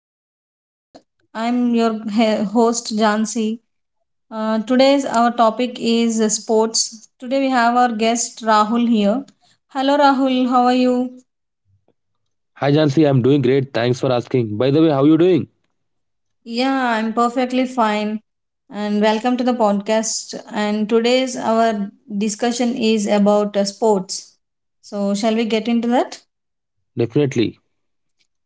podcast. I'm your host Jansi. Today's our topic is sports. Today we have our guest Rahul here. Hello Rahul, how are you? Hi Jansi, I'm doing great. Thanks for asking. By the way, how you doing? Yeah, I'm perfectly fine. And welcome to the podcast. And today's our discussion is about sports. So shall we get into that? Definitely.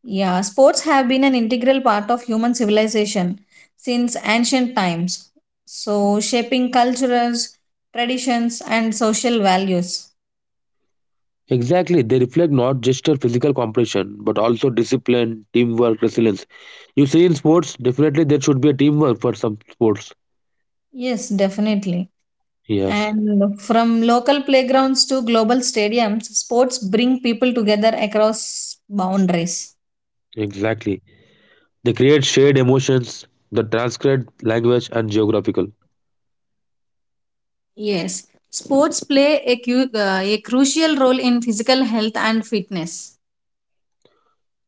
Yeah, sports have been an integral part of human civilization since ancient times, so shaping cultures, traditions, and social values. Exactly. They reflect not just your physical competition, but also discipline, teamwork, resilience. You see in sports, definitely there should be a teamwork for some sports. Yes, definitely. Yes, And from local playgrounds to global stadiums, sports bring people together across boundaries. exactly. They create shared emotions that transcend language and geographical. Yes, sports play a crucial role in physical health and fitness.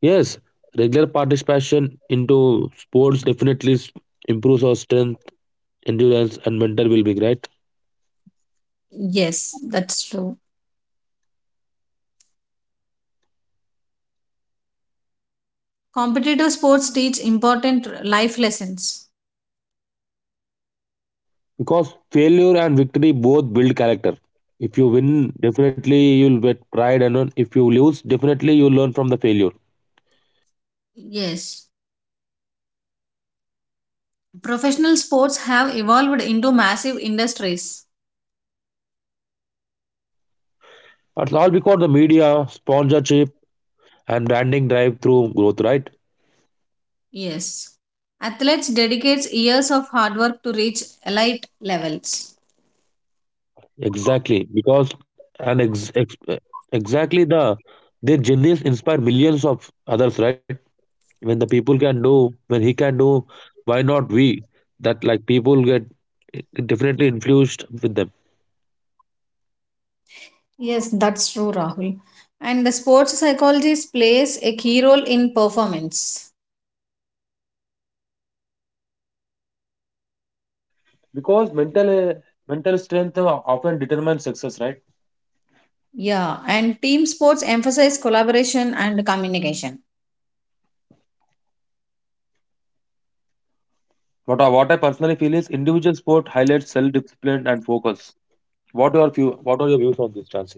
Yes, regular participation into sports definitely improves our strength, endurance, and mental well-being, right? Yes, that's true. Competitive sports teach important life lessons. Because failure and victory both build character. If you win, definitely you'll get pride, and then if you lose, definitely you learn from the failure. Yes. Professional sports have evolved into massive industries. It's all because the media, sponsorship, and branding drive through growth, right? Yes. Athletes dedicate years of hard work to reach elite levels. Exactly. Because and ex- ex- exactly the their journeys inspire millions of others, right? When the people can do, when he can do, why not we? That like people get definitely influenced with them. Yes, that's true, Rahul. And the sports psychologist plays a key role in performance. Because mental. Yeah, and team sports emphasize collaboration and communication. What else? What are your views on this, Chansey?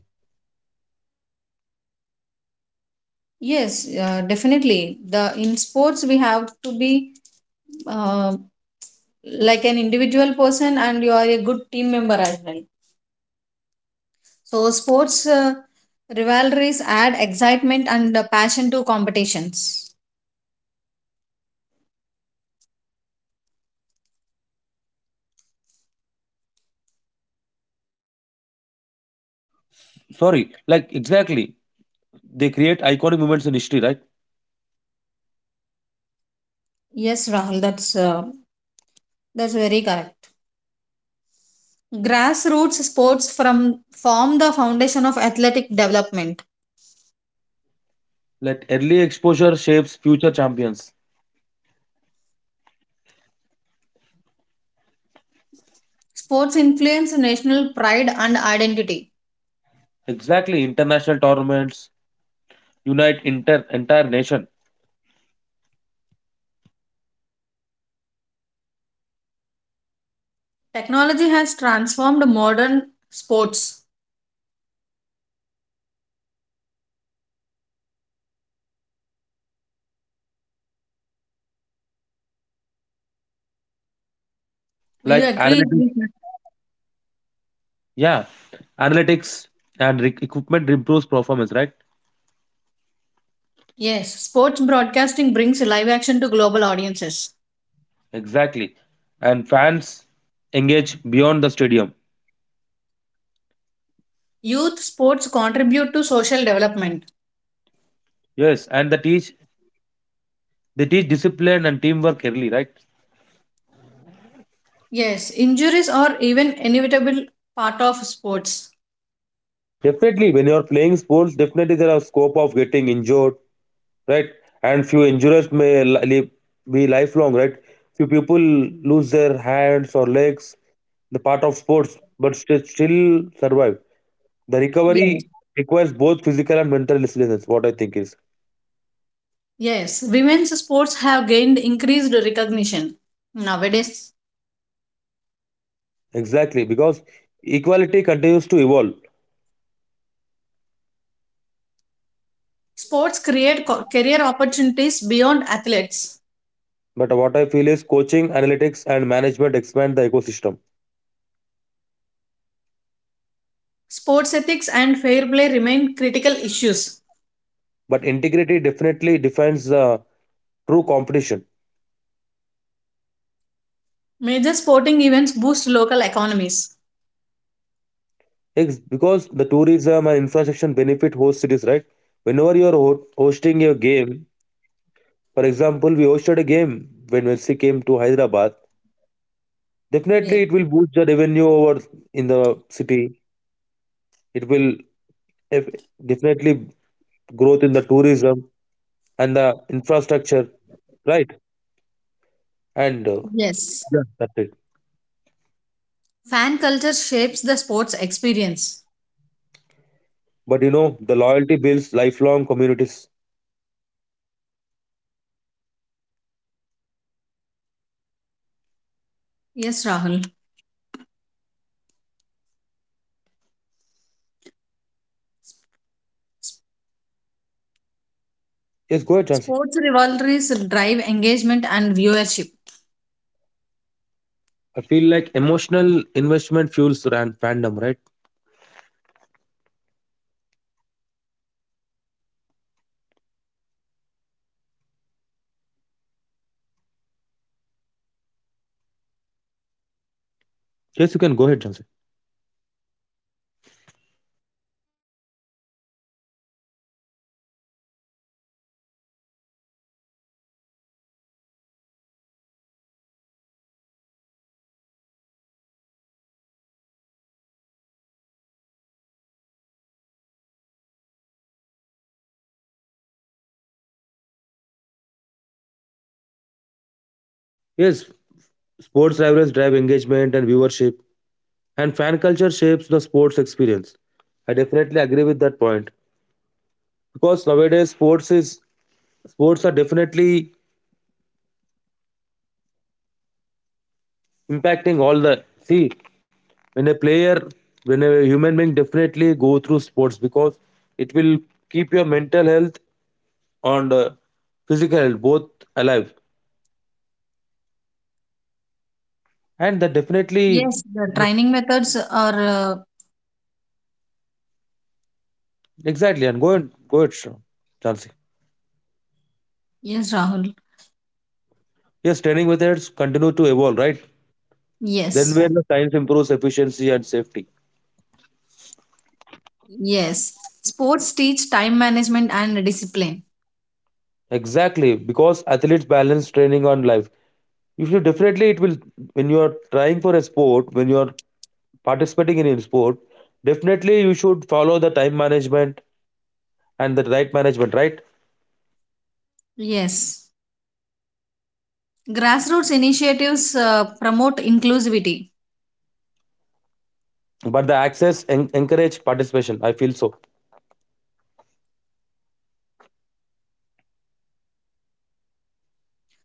Yes, definitely. The In sports we have to be uh, like an individual person, and you are a good team member as well. So, sports rivalries add excitement and passion to competitions. Sorry, like exactly. They create iconic moments in history, right? Yes, Rahul, that's very correct. Grassroots sports from form the foundation of athletic development. Like early exposure shapes future champions. Sports influence national pride and identity. Exactly, international tournaments unite inter entire nation. Technology has transformed modern sports. Will you Like agree analytics, with me? yeah, analytics and equipment improves performance, right? Yes, sports broadcasting brings live action to global audiences. Exactly, and fans engage beyond the stadium. Youth sports contribute to social development. Yes, and they teach discipline and teamwork early, right? Yes, injuries are even inevitable part of sports. Definitely, when you're playing sports, definitely there are scope of getting injured, right? And few injuries may be lifelong, right? Few people lose their hands or legs, the part of sports, but still survive. The Yes. recovery requires both physical and mental resilience. What I think is Yes, women's sports have gained increased recognition. Nowadays, exactly because equality continues to evolve. sports create career opportunities beyond athletes. But what I feel is coaching, analytics, and management expand the ecosystem. Sports ethics and fair play remain critical issues. But integrity definitely defines the true competition. Major sporting events boost local economies. Because the tourism and infrastructure benefit host cities, right? Whenever you're hosting a game, for example, we hosted a game when Messi came to Hyderabad. Yes. Definitely, it will boost the revenue over in the city. It will def- definitely growth in the tourism and the infrastructure, right? And Yes. yeah, that's it. Fan culture shapes the sports experience. But you know, the loyalty builds lifelong communities. Yes, Rahul. Yes, go ahead, Jansi. Sports rivalries drive engagement and viewership. I feel like emotional investment fuels ran fandom, right? Yes, you can go ahead, Jansi. Yes, sports rivalries drive engagement and viewership, and fan culture shapes the sports experience. I definitely agree with that point because nowadays sports are definitely impacting all the see when a player when a human being definitely go through sports because it will keep your mental health and physical health both alive and that definitely Yes, the training methods are, exactly and go it Shyam. Chansi. yes, Rahul. Yes, training methods continue to evolve, right? Then where Yes, the science improves efficiency and safety. yes. Sports teach time management and discipline. Exactly, because athletes balance training on life. You should definitely it will when you are trying for a sport, when you are participating in a sport, definitely you should follow the time management and the right management, right? Yes. Grassroots initiatives promote inclusivity. But the access encourage participation. I feel so.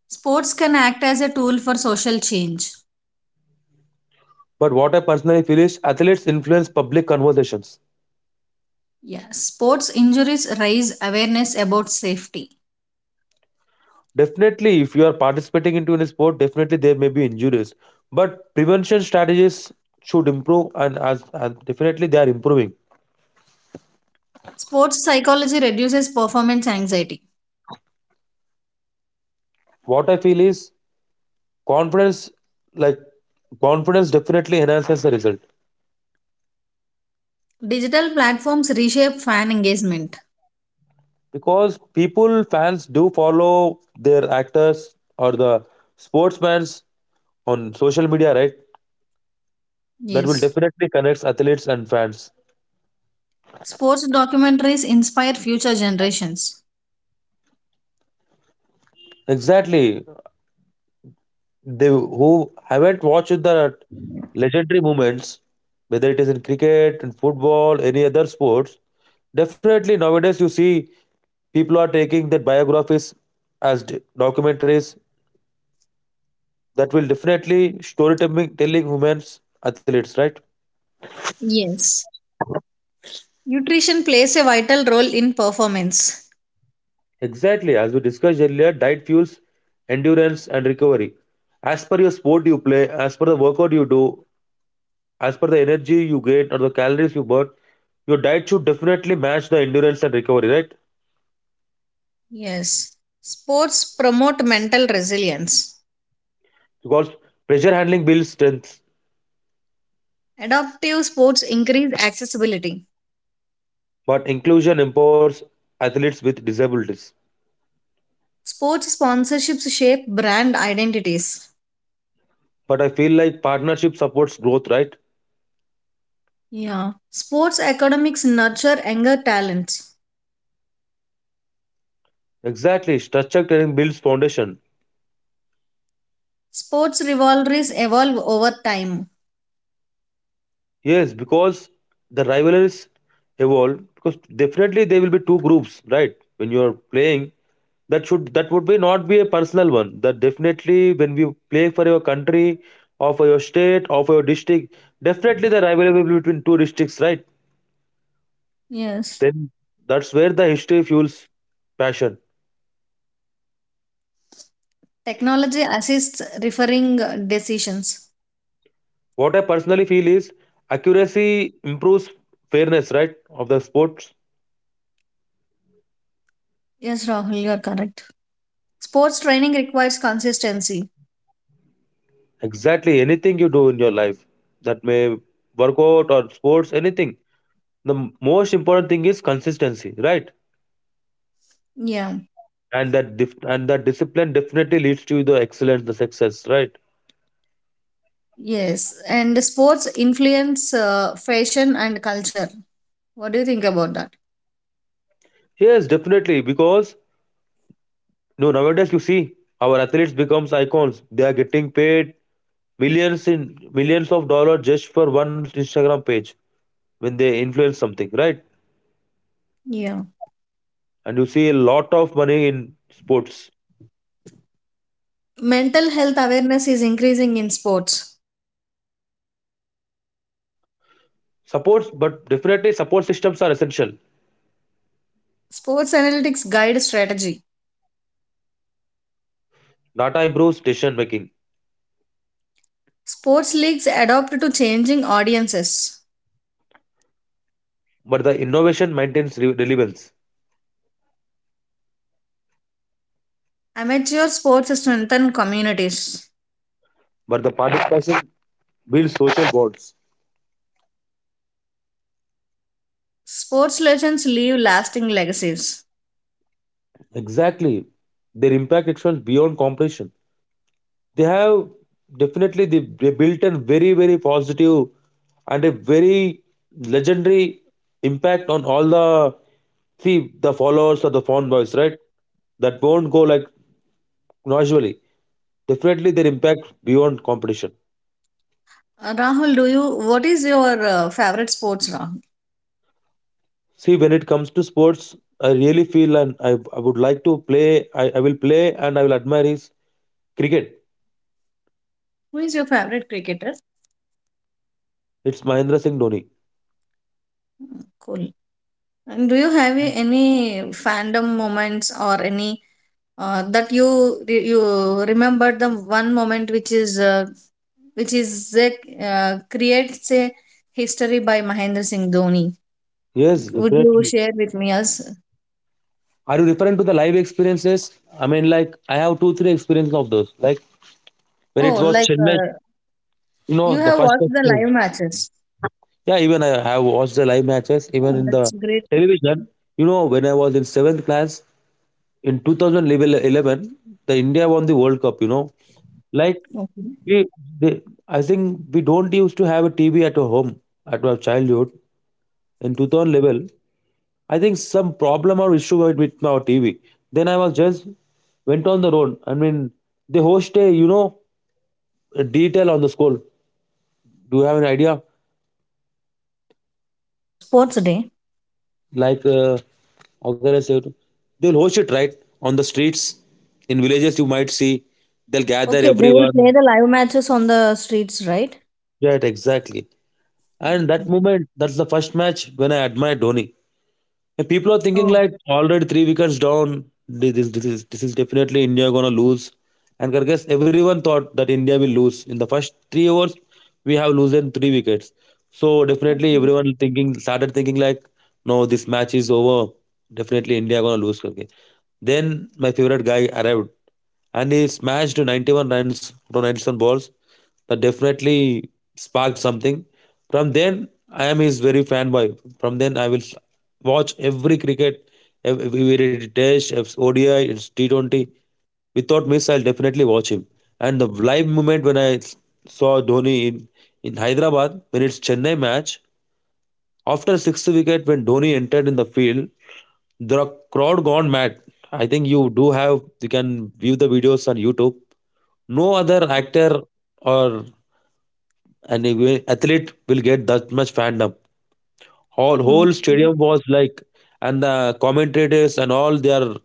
Sports can act as a tool for social change. But what I personally feel is athletes influence public conversations. Yes. Sports injuries raise awareness about safety. Definitely, if you are participating into any sport, definitely there may be injuries. But prevention strategies should improve, and as definitely they are improving. Sports psychology reduces performance anxiety. What I feel is confidence, like confidence, definitely enhances the result Digital platforms reshape fan engagement. because people fans do follow their actors or the sportsmen's on social media, right? That will Yes. definitely connect athletes and fans. Sports documentaries inspire future generations. Exactly. They who haven't watched the legendary moments, whether it is in cricket, in football, any other sports, definitely nowadays you see people are taking that biographies as documentaries that will definitely storytelling telling humans athletes, right? Yes. Nutrition plays a vital role in performance. Exactly, as we discussed earlier, diet fuels endurance and recovery. As per your sport you play, as per the workout you do, as per the energy you get or the calories you burn, your diet should definitely match the endurance and recovery, right? Yes. Sports promote mental resilience. Because pressure handling builds strength, Adaptive sports increase accessibility. but inclusion empowers athletes with disabilities. Sports sponsorships shape brand identities. But I feel like partnership supports growth, right? Yeah. Sports academics nurture younger talents. Exactly. Structured training builds foundation. Sports rivalries evolve over time. Yes, because the rivalries evolve because definitely there will be two groups, right? When you are playing, that should that would be not be a personal one. That definitely when we play for your country or for your state or for your district, definitely the rivalry will be between two districts, right? Yes. Then that's where the history fuels passion. Technology assists referring decisions. What I personally feel is accuracy improves fairness, right, of the sports. Yes, Rahul, you are correct. Sports training requires consistency. Exactly. Anything you do in your life that may workout or sports, anything. The most important thing is consistency, right? Yeah. And that discipline definitely leads to the excellence, the success, right? Yes, and sports influence fashion and culture. What do you think about that? Yes, definitely. Because no, nowadays you see our athletes becomes icons. They are getting paid millions in millions of dollars just for one Instagram page when they influence something, right? Yeah. And you see a lot of money in sports. Mental health awareness is increasing in sports. Supports, but definitely support systems are essential. Sports analytics guide strategy. Data improves decision making, Sports leagues adapt to changing audiences. but the innovation maintains relevance. Amateur sports strengthen communities. But the participation builds social bonds. Sports legends leave lasting legacies. Exactly. Their impact extends beyond competition. They have definitely they built a very, very positive and a very legendary impact on all the see the followers or the fan boys, right? That won't go like casually. Definitely their impact beyond competition. Rahul, do you what is your favorite sports? Rahul, See, when it comes to sports, I really feel and I would like to play. I will play and I will admire his cricket. who is your favorite cricketer? It's Mahendra Singh Dhoni. Cool. And do you have any fandom moments or any, that you re- you remembered the one moment which creates a history by Mahendra Singh Dhoni. Yes, Would you definitely. share with me us? Are you referring to the live experiences? I mean, like I have two, three experiences of those. Like when it Oh, was like, Chennai, you know, you the have first watched the experience. live matches? Yeah, even I have watched the live matches, even Oh, in the that's great. television. You know, when I was in seventh class, in 2011, the India won the world cup, you know, like Okay. we they, I think we don't used to have a TV at our home at our childhood in 2011. I think some problem or issue with our TV, then I was just went on the road. I mean, they host a, you know, a detail on the school. Do you have an idea, Sports day. like how can I say it? They'll host it, right? On the streets, in villages you might see, they'll gather Okay, they will play everyone. the live matches on the streets, right? Right, exactly. And Okay. that moment, that's the first match when I admire Dhoni. And people are thinking Oh. like already three wickets down. This, this is definitely India gonna lose. And I guess everyone thought that India will lose in the first three overs. We have losing three wickets, so definitely Okay. everyone thinking started thinking like, no, this match is over. Definitely India gonna lose. Okay. Then my favorite guy arrived and he smashed 91 runs from 97 balls. That definitely sparked something. From then, I am his very fanboy. From then, watch every cricket, whether it is Test, it's ODI, it's T20. Without miss, I'll definitely watch him. And the live moment when saw Dhoni in Hyderabad, when it's Chennai match, after sixth wicket, when Dhoni entered in the field, the crowd gone mad. I think you do have you can view the videos on YouTube. No other actor or and even athlete will get that much fandom. Whole Okay. whole stadium was like, and the commentators and all they are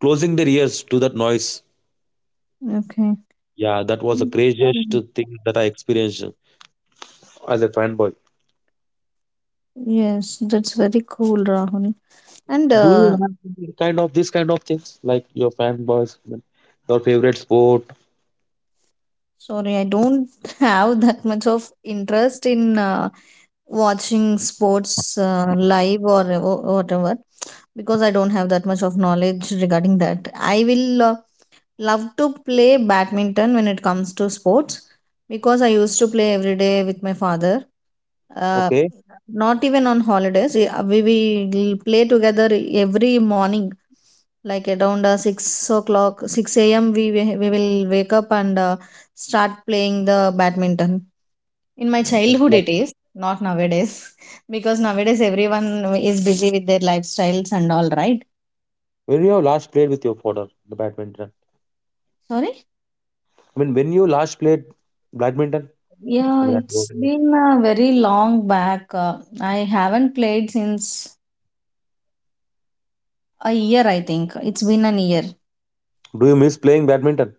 closing their ears to that noise. Okay. Yeah, that was the craziest Mm. thing that I experienced as a fanboy. Yes, that's very cool, Rahul. And Do you have any kind of this kind of things like your fanboys, your favorite sport? Sorry, I don't have that much of interest in watching sports live or whatever because I don't have that much of knowledge regarding that. I will love to play badminton when it comes to sports because I used to play every day with my father. uh, Okay, Not even on holidays, we will play together every morning like around 6 o'clock, 6 a.m. We, we will wake up and start playing the badminton in my childhood, it exactly. is not nowadays. Because nowadays everyone is busy with their lifestyles and all, right? When you have last played with your father, the badminton. Sorry. I mean, when you last played badminton, Yeah, I mean, at it's what age? been very long back. I haven't played since a year. I think it's been an year. Do you miss playing badminton?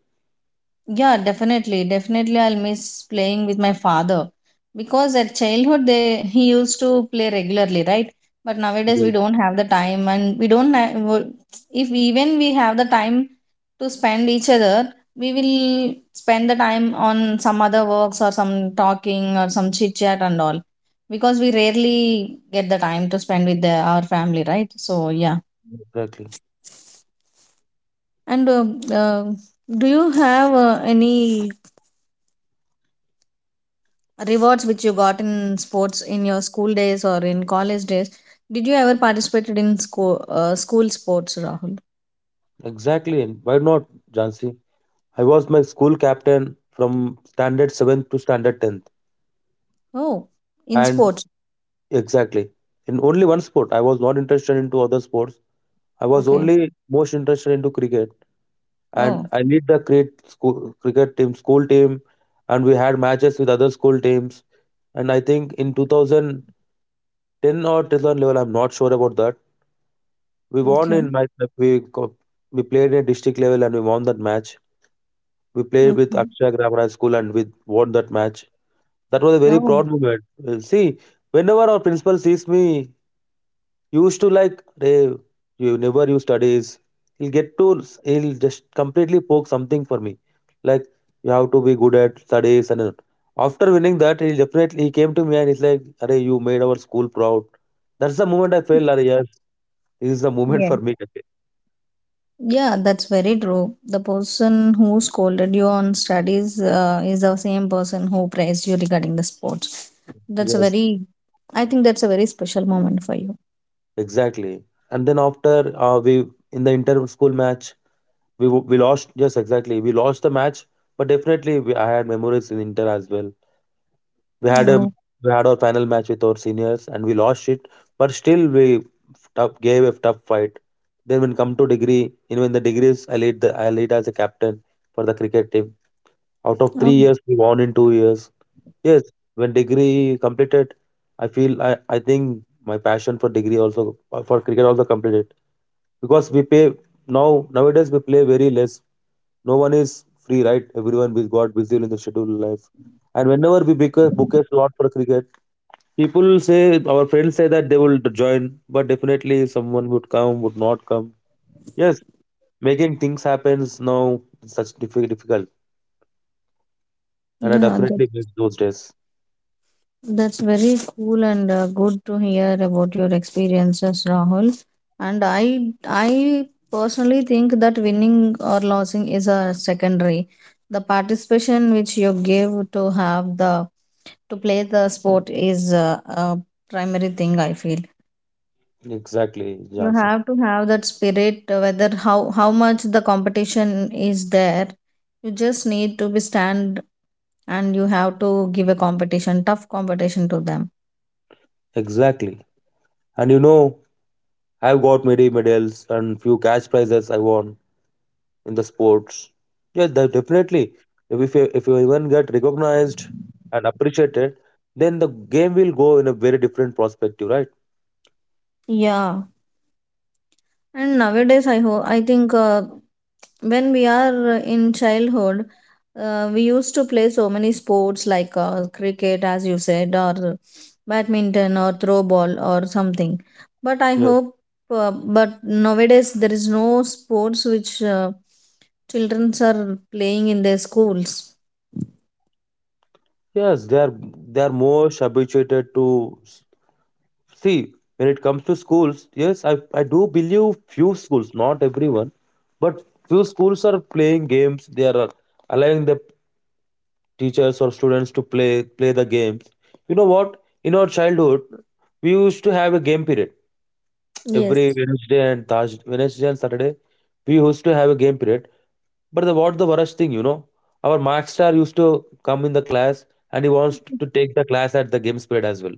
Yeah, definitely. Definitely, I'll miss playing with my father because at childhood they he used to play regularly, right? But nowadays Yes, we don't have the time, and we don't have, if even we have the time to spend each other, we will spend the time on some other works or some talking or some chit chat and all because we rarely get the time to spend with our family, right? So yeah. exactly. And uh, do you have any rewards which you got in sports in your school days or in college days? Did you ever participated in school sports, Rahul? Exactly, and why not, Jansi? I was my school captain from standard 7th to standard 10th. Oh, in And sports. exactly, in only one sport, I was not interested into other sports. I was Okay. only most interested into cricket. And Oh. I lead the school, cricket team, school team, and we had matches with other school teams. And I think in 2010 or 2011 level, I'm not sure about that. We won Okay. in my, we, co- we played at district level and we won that match. We played with Okay. Akshaya Grammar High School and we won that match. That was a very Oh. proud moment. See, whenever our principal sees me, he used to like, hey, you never you studies. He'll just completely poke something for me. Like, you have to be good at studies. And all. After winning that, he definitely, he came to me and he's like, hey, you made our school proud. That's the moment I felt, "Arey, yes, this is the moment Yeah, for me." yeah. That's very true. The person who scolded you on studies is the same person who praised you regarding the sports. That's a Yes, very I think that's a very special moment for you. exactly. And then after we in the inter school match, we lost. Yes, exactly. We lost the match, but definitely we, I had memories in Inter as well. We had a Oh. we had our final match with our seniors and we lost it, but still we tough, gave a tough fight. Then when come to degree, even in the degrees, I lead as a captain for the cricket team. Out of three Oh. years, we won in 2 years. Yes, when degree completed, I feel I think my passion for degree also for cricket also completed because we pay now nowadays we play very less. No one is free, right? Everyone is got busy in the schedule life, and whenever we book a slot for cricket, people say our friends say that they will join, but definitely someone would come would not come. Yes, making things happens now is such difficult, and I Yeah. definitely miss those days. That's very cool and good to hear about your experiences, Rahul. And I personally think that winning or losing is a secondary. The participation which you give to play the sport is a primary thing. I feel Exactly, you Jansi. have to have that spirit, whether how much the competition is there. You just need to be stand and you have to give a competition, tough competition to them. Exactly, and you know, I've got many medals and few cash prizes I won in the sports. Yeah, that definitely. If you even get recognized and appreciated, then the game will go in a very different perspective, right? Yeah. And nowadays, I think when we are in childhood, we used to play so many sports like cricket, as you said, or badminton, or throw ball, or something. But I Yeah. hope, uh, but nowadays there is no sports which children are playing in their schools. Yes, they are most habituated to s- see when it comes to schools. Yes, I do believe few schools, not everyone, but few schools are playing games. They are allowing the teachers or students to play the games. You know what? In our childhood, we used to have a game period every Yes. Wednesday and Thursday, Wednesday and Saturday, we used to have a game period. But the, what the worst thing, you know, our mark star used to come in the class and he wants to take the class at the game period as well.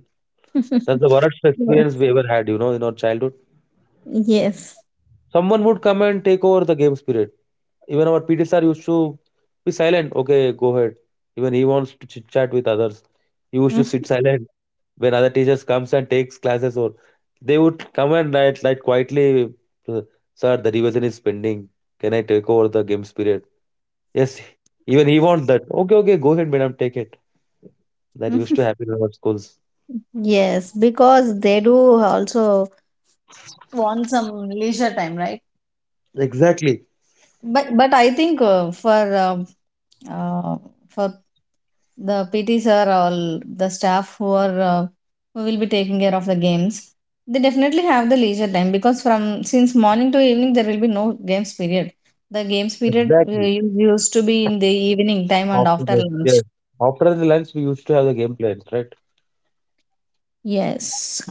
That's the worst experience Yes. we ever had, you know, in our childhood. Yes. Someone would come and take over the game period. Even our PT sir used to be silent. Okay, go ahead. Even he wants to chit chat with others. He used to sit silent when other teachers comes and takes classes, or they would come and like quietly, uh, sir the revision is pending, can I take over the games period? Yes, even he wants that. Okay, okay, go ahead madam, take it. That used to happen in our schools. Yes, because they do also want some leisure time, right? Exactly. But I think uh, for the PTs or all the staff who are who will be taking care of the games, they definitely have the leisure time because from since morning to evening there will be no games period. The games period Exactly, used to be in the evening time and after after the, lunch. yes, after the lunch we used to have the game plans, right? Yes.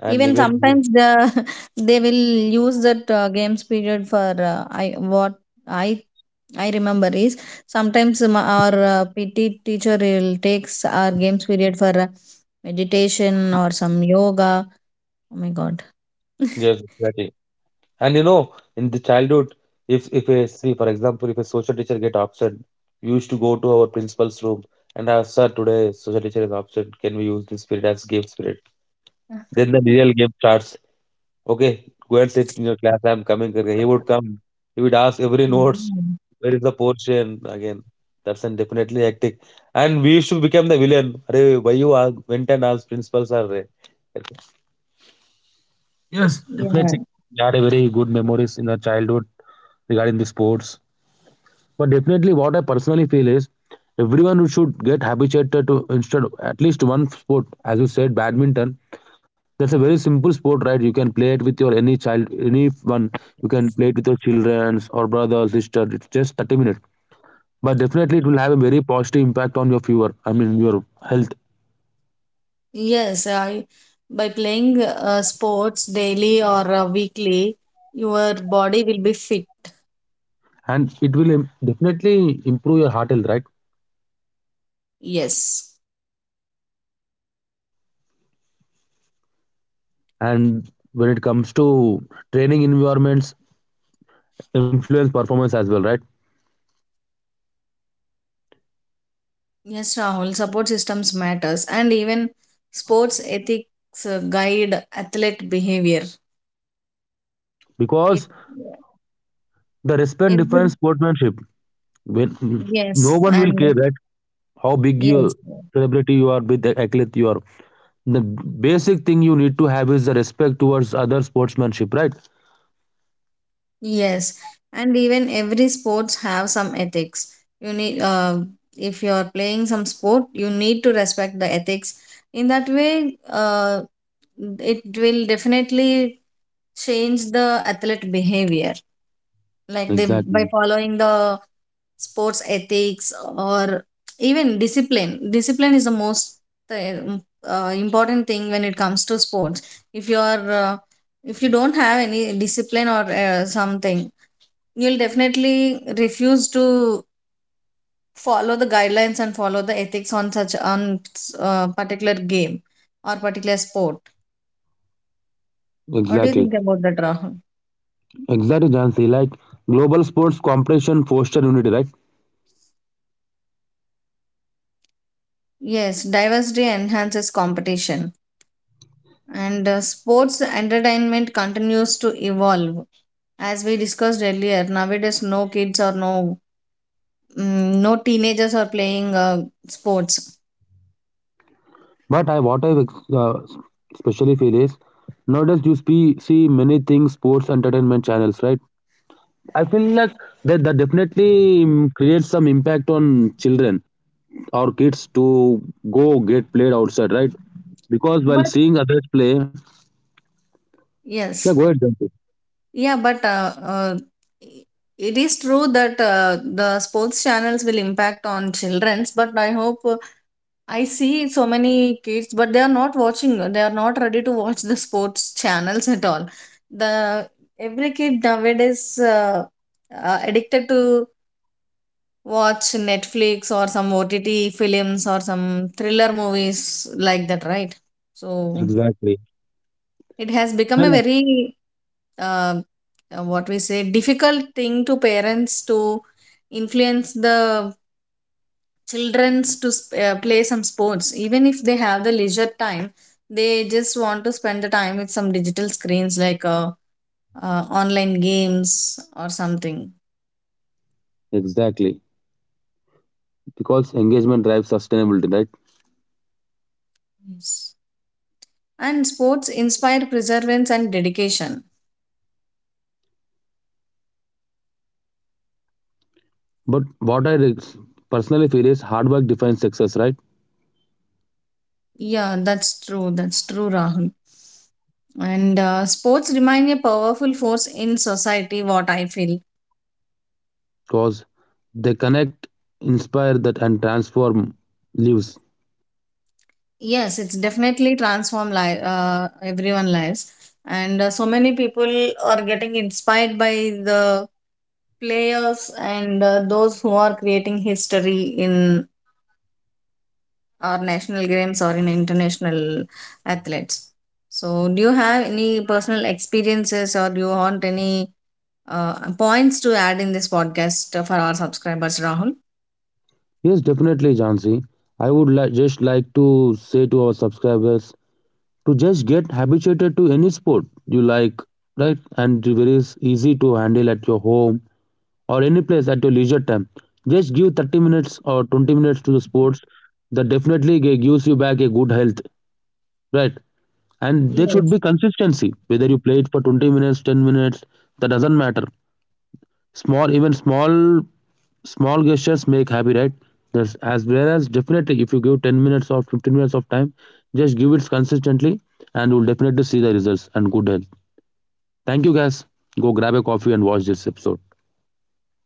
And Even even sometimes the they will use that games period for I what I I remember is, sometimes our PT teacher will takes our games period for meditation or some yoga. Oh my god. yes, exactly. And you know, in the childhood, if a see, for example, if a social teacher get absent, we used to go to our principal's room and ask, "Sir, today social teacher is absent. Can we use this period as game spirit?" Then the real game starts. Okay, go and sit in your class. I am coming. करके." He would come. He would ask every notes, Mm. "Where is the portion?" Again, that's an definitely hectic. And we used to become the villain. Arey, why you are went and asked principal sir? Arey." Yes, Yeah. definitely. We had a very good memories in our childhood regarding the sports. But definitely, what I personally feel is everyone should get habituated to instead at least one sport. As you said, badminton. That's a very simple sport, right? You can play it with your any child, anyone. You can play it with your childrens or brother, or sister. It's just 30 minutes, but definitely it will have a very positive impact on your fever. I mean your health, Yes, by playing sports daily or weekly, your body will be fit. and it will im- definitely improve your heart health, right? Yes. And when it comes to training environments, influence performance as well, right? Yes, Rahul, support systems matters and even sports ethics guide athlete behavior. If Because the respect defines every, sportsmanship. When no yes, one will and care that how big you yes. celebrity you are with athlete you are, the basic thing you need to have is the respect towards other sportsmanship, right? Yes, and even every sports have some ethics. You need If you are playing some sport, you need to respect the ethics. In that way, it will definitely change the athlete behavior. Like, they Exactly. by following the sports ethics, or even discipline. Discipline is the most uh, important thing when it comes to sports. If you are uh, if you don't have any discipline or something, you'll definitely refuse to follow the guidelines and follow the ethics on such, on particular game or particular sport. What do you Exactly. think about that, Rahul? Exactly, Jansi. Like, global sports competition foster unity, right? Yes, diversity enhances competition. And sports entertainment continues to evolve. As we discussed earlier, nowadays no kids or no teenagers are playing sports. But I what I uh, especially feel is nowadays you see, see many things sports entertainment channels, right? I feel like that definitely creates some impact on children, our kids to go get played outside, right? Because while But seeing others play, yeah, go ahead, yes. Janti. Yeah, but it is true that the sports channels will impact on childrens. But I hope I see so many kids, but they are not watching. They are not ready to watch the sports channels at all. The Every kid nowadays addicted to watch Netflix or some OTT films or some thriller movies like that, right? So Exactly. it has And become a very uh, what we say difficult thing to parents to influence the childrens to play some sports. Even if they have the leisure time, they just want to spend the time with some digital screens like online games or something. exactly. Because engagement drives sustainability, right? Yes. And sports inspire perseverance and dedication. But personally feel is hard work defines success, right? Yeah, that's true, that's true, Rahul. And sports remain a powerful force in society, what I feel. Because they connect, inspire that, and transform lives. Yes, it's definitely transformed everyone lives, and so many people are getting inspired by the players and those who are creating history in our national games or in international athletes. So, do you have any personal experiences or do you want any points to add in this podcast for our subscribers, Rahul? Yes, definitely, Jansi. Just like to say to our subscribers to just get habituated to any sport you like, right? And it is easy to handle at your home or any place at your leisure time. Just give 30 minutes or 20 minutes to the sports that definitely gives you back a good health, right? And there should be Yes. consistency, whether you play it for 20 minutes, 10 minutes, that doesn't matter. Small, small gestures make happy, right? That's as well as definitely, if you give 10 minutes or 15 minutes of time, just give it consistently, and you'll definitely see the results and good health. Thank you, guys. Go grab a coffee and watch this episode.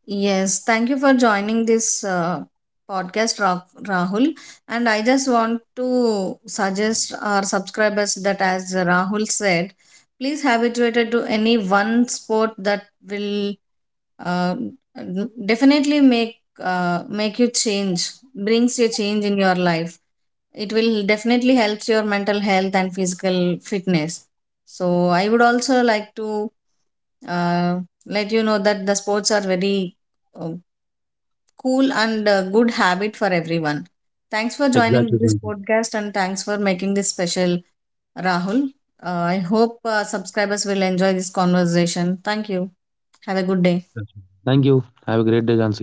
Yes, thank you for joining this podcast, Rahul. And I just want to suggest our subscribers that, as Rahul said, please habituated to any one sport that will uh, definitely make you change, brings you change in your life. It will definitely helps your mental health and physical fitness. So I would also like to uh, let you know that the sports are very uh, cool and good habit for everyone. Thanks for Exactly, joining this Jansi. podcast and thanks for making this special, Rahul. I hope subscribers will enjoy this conversation. Thank you. Have a good day. Thank you. Have a great day, Jansi.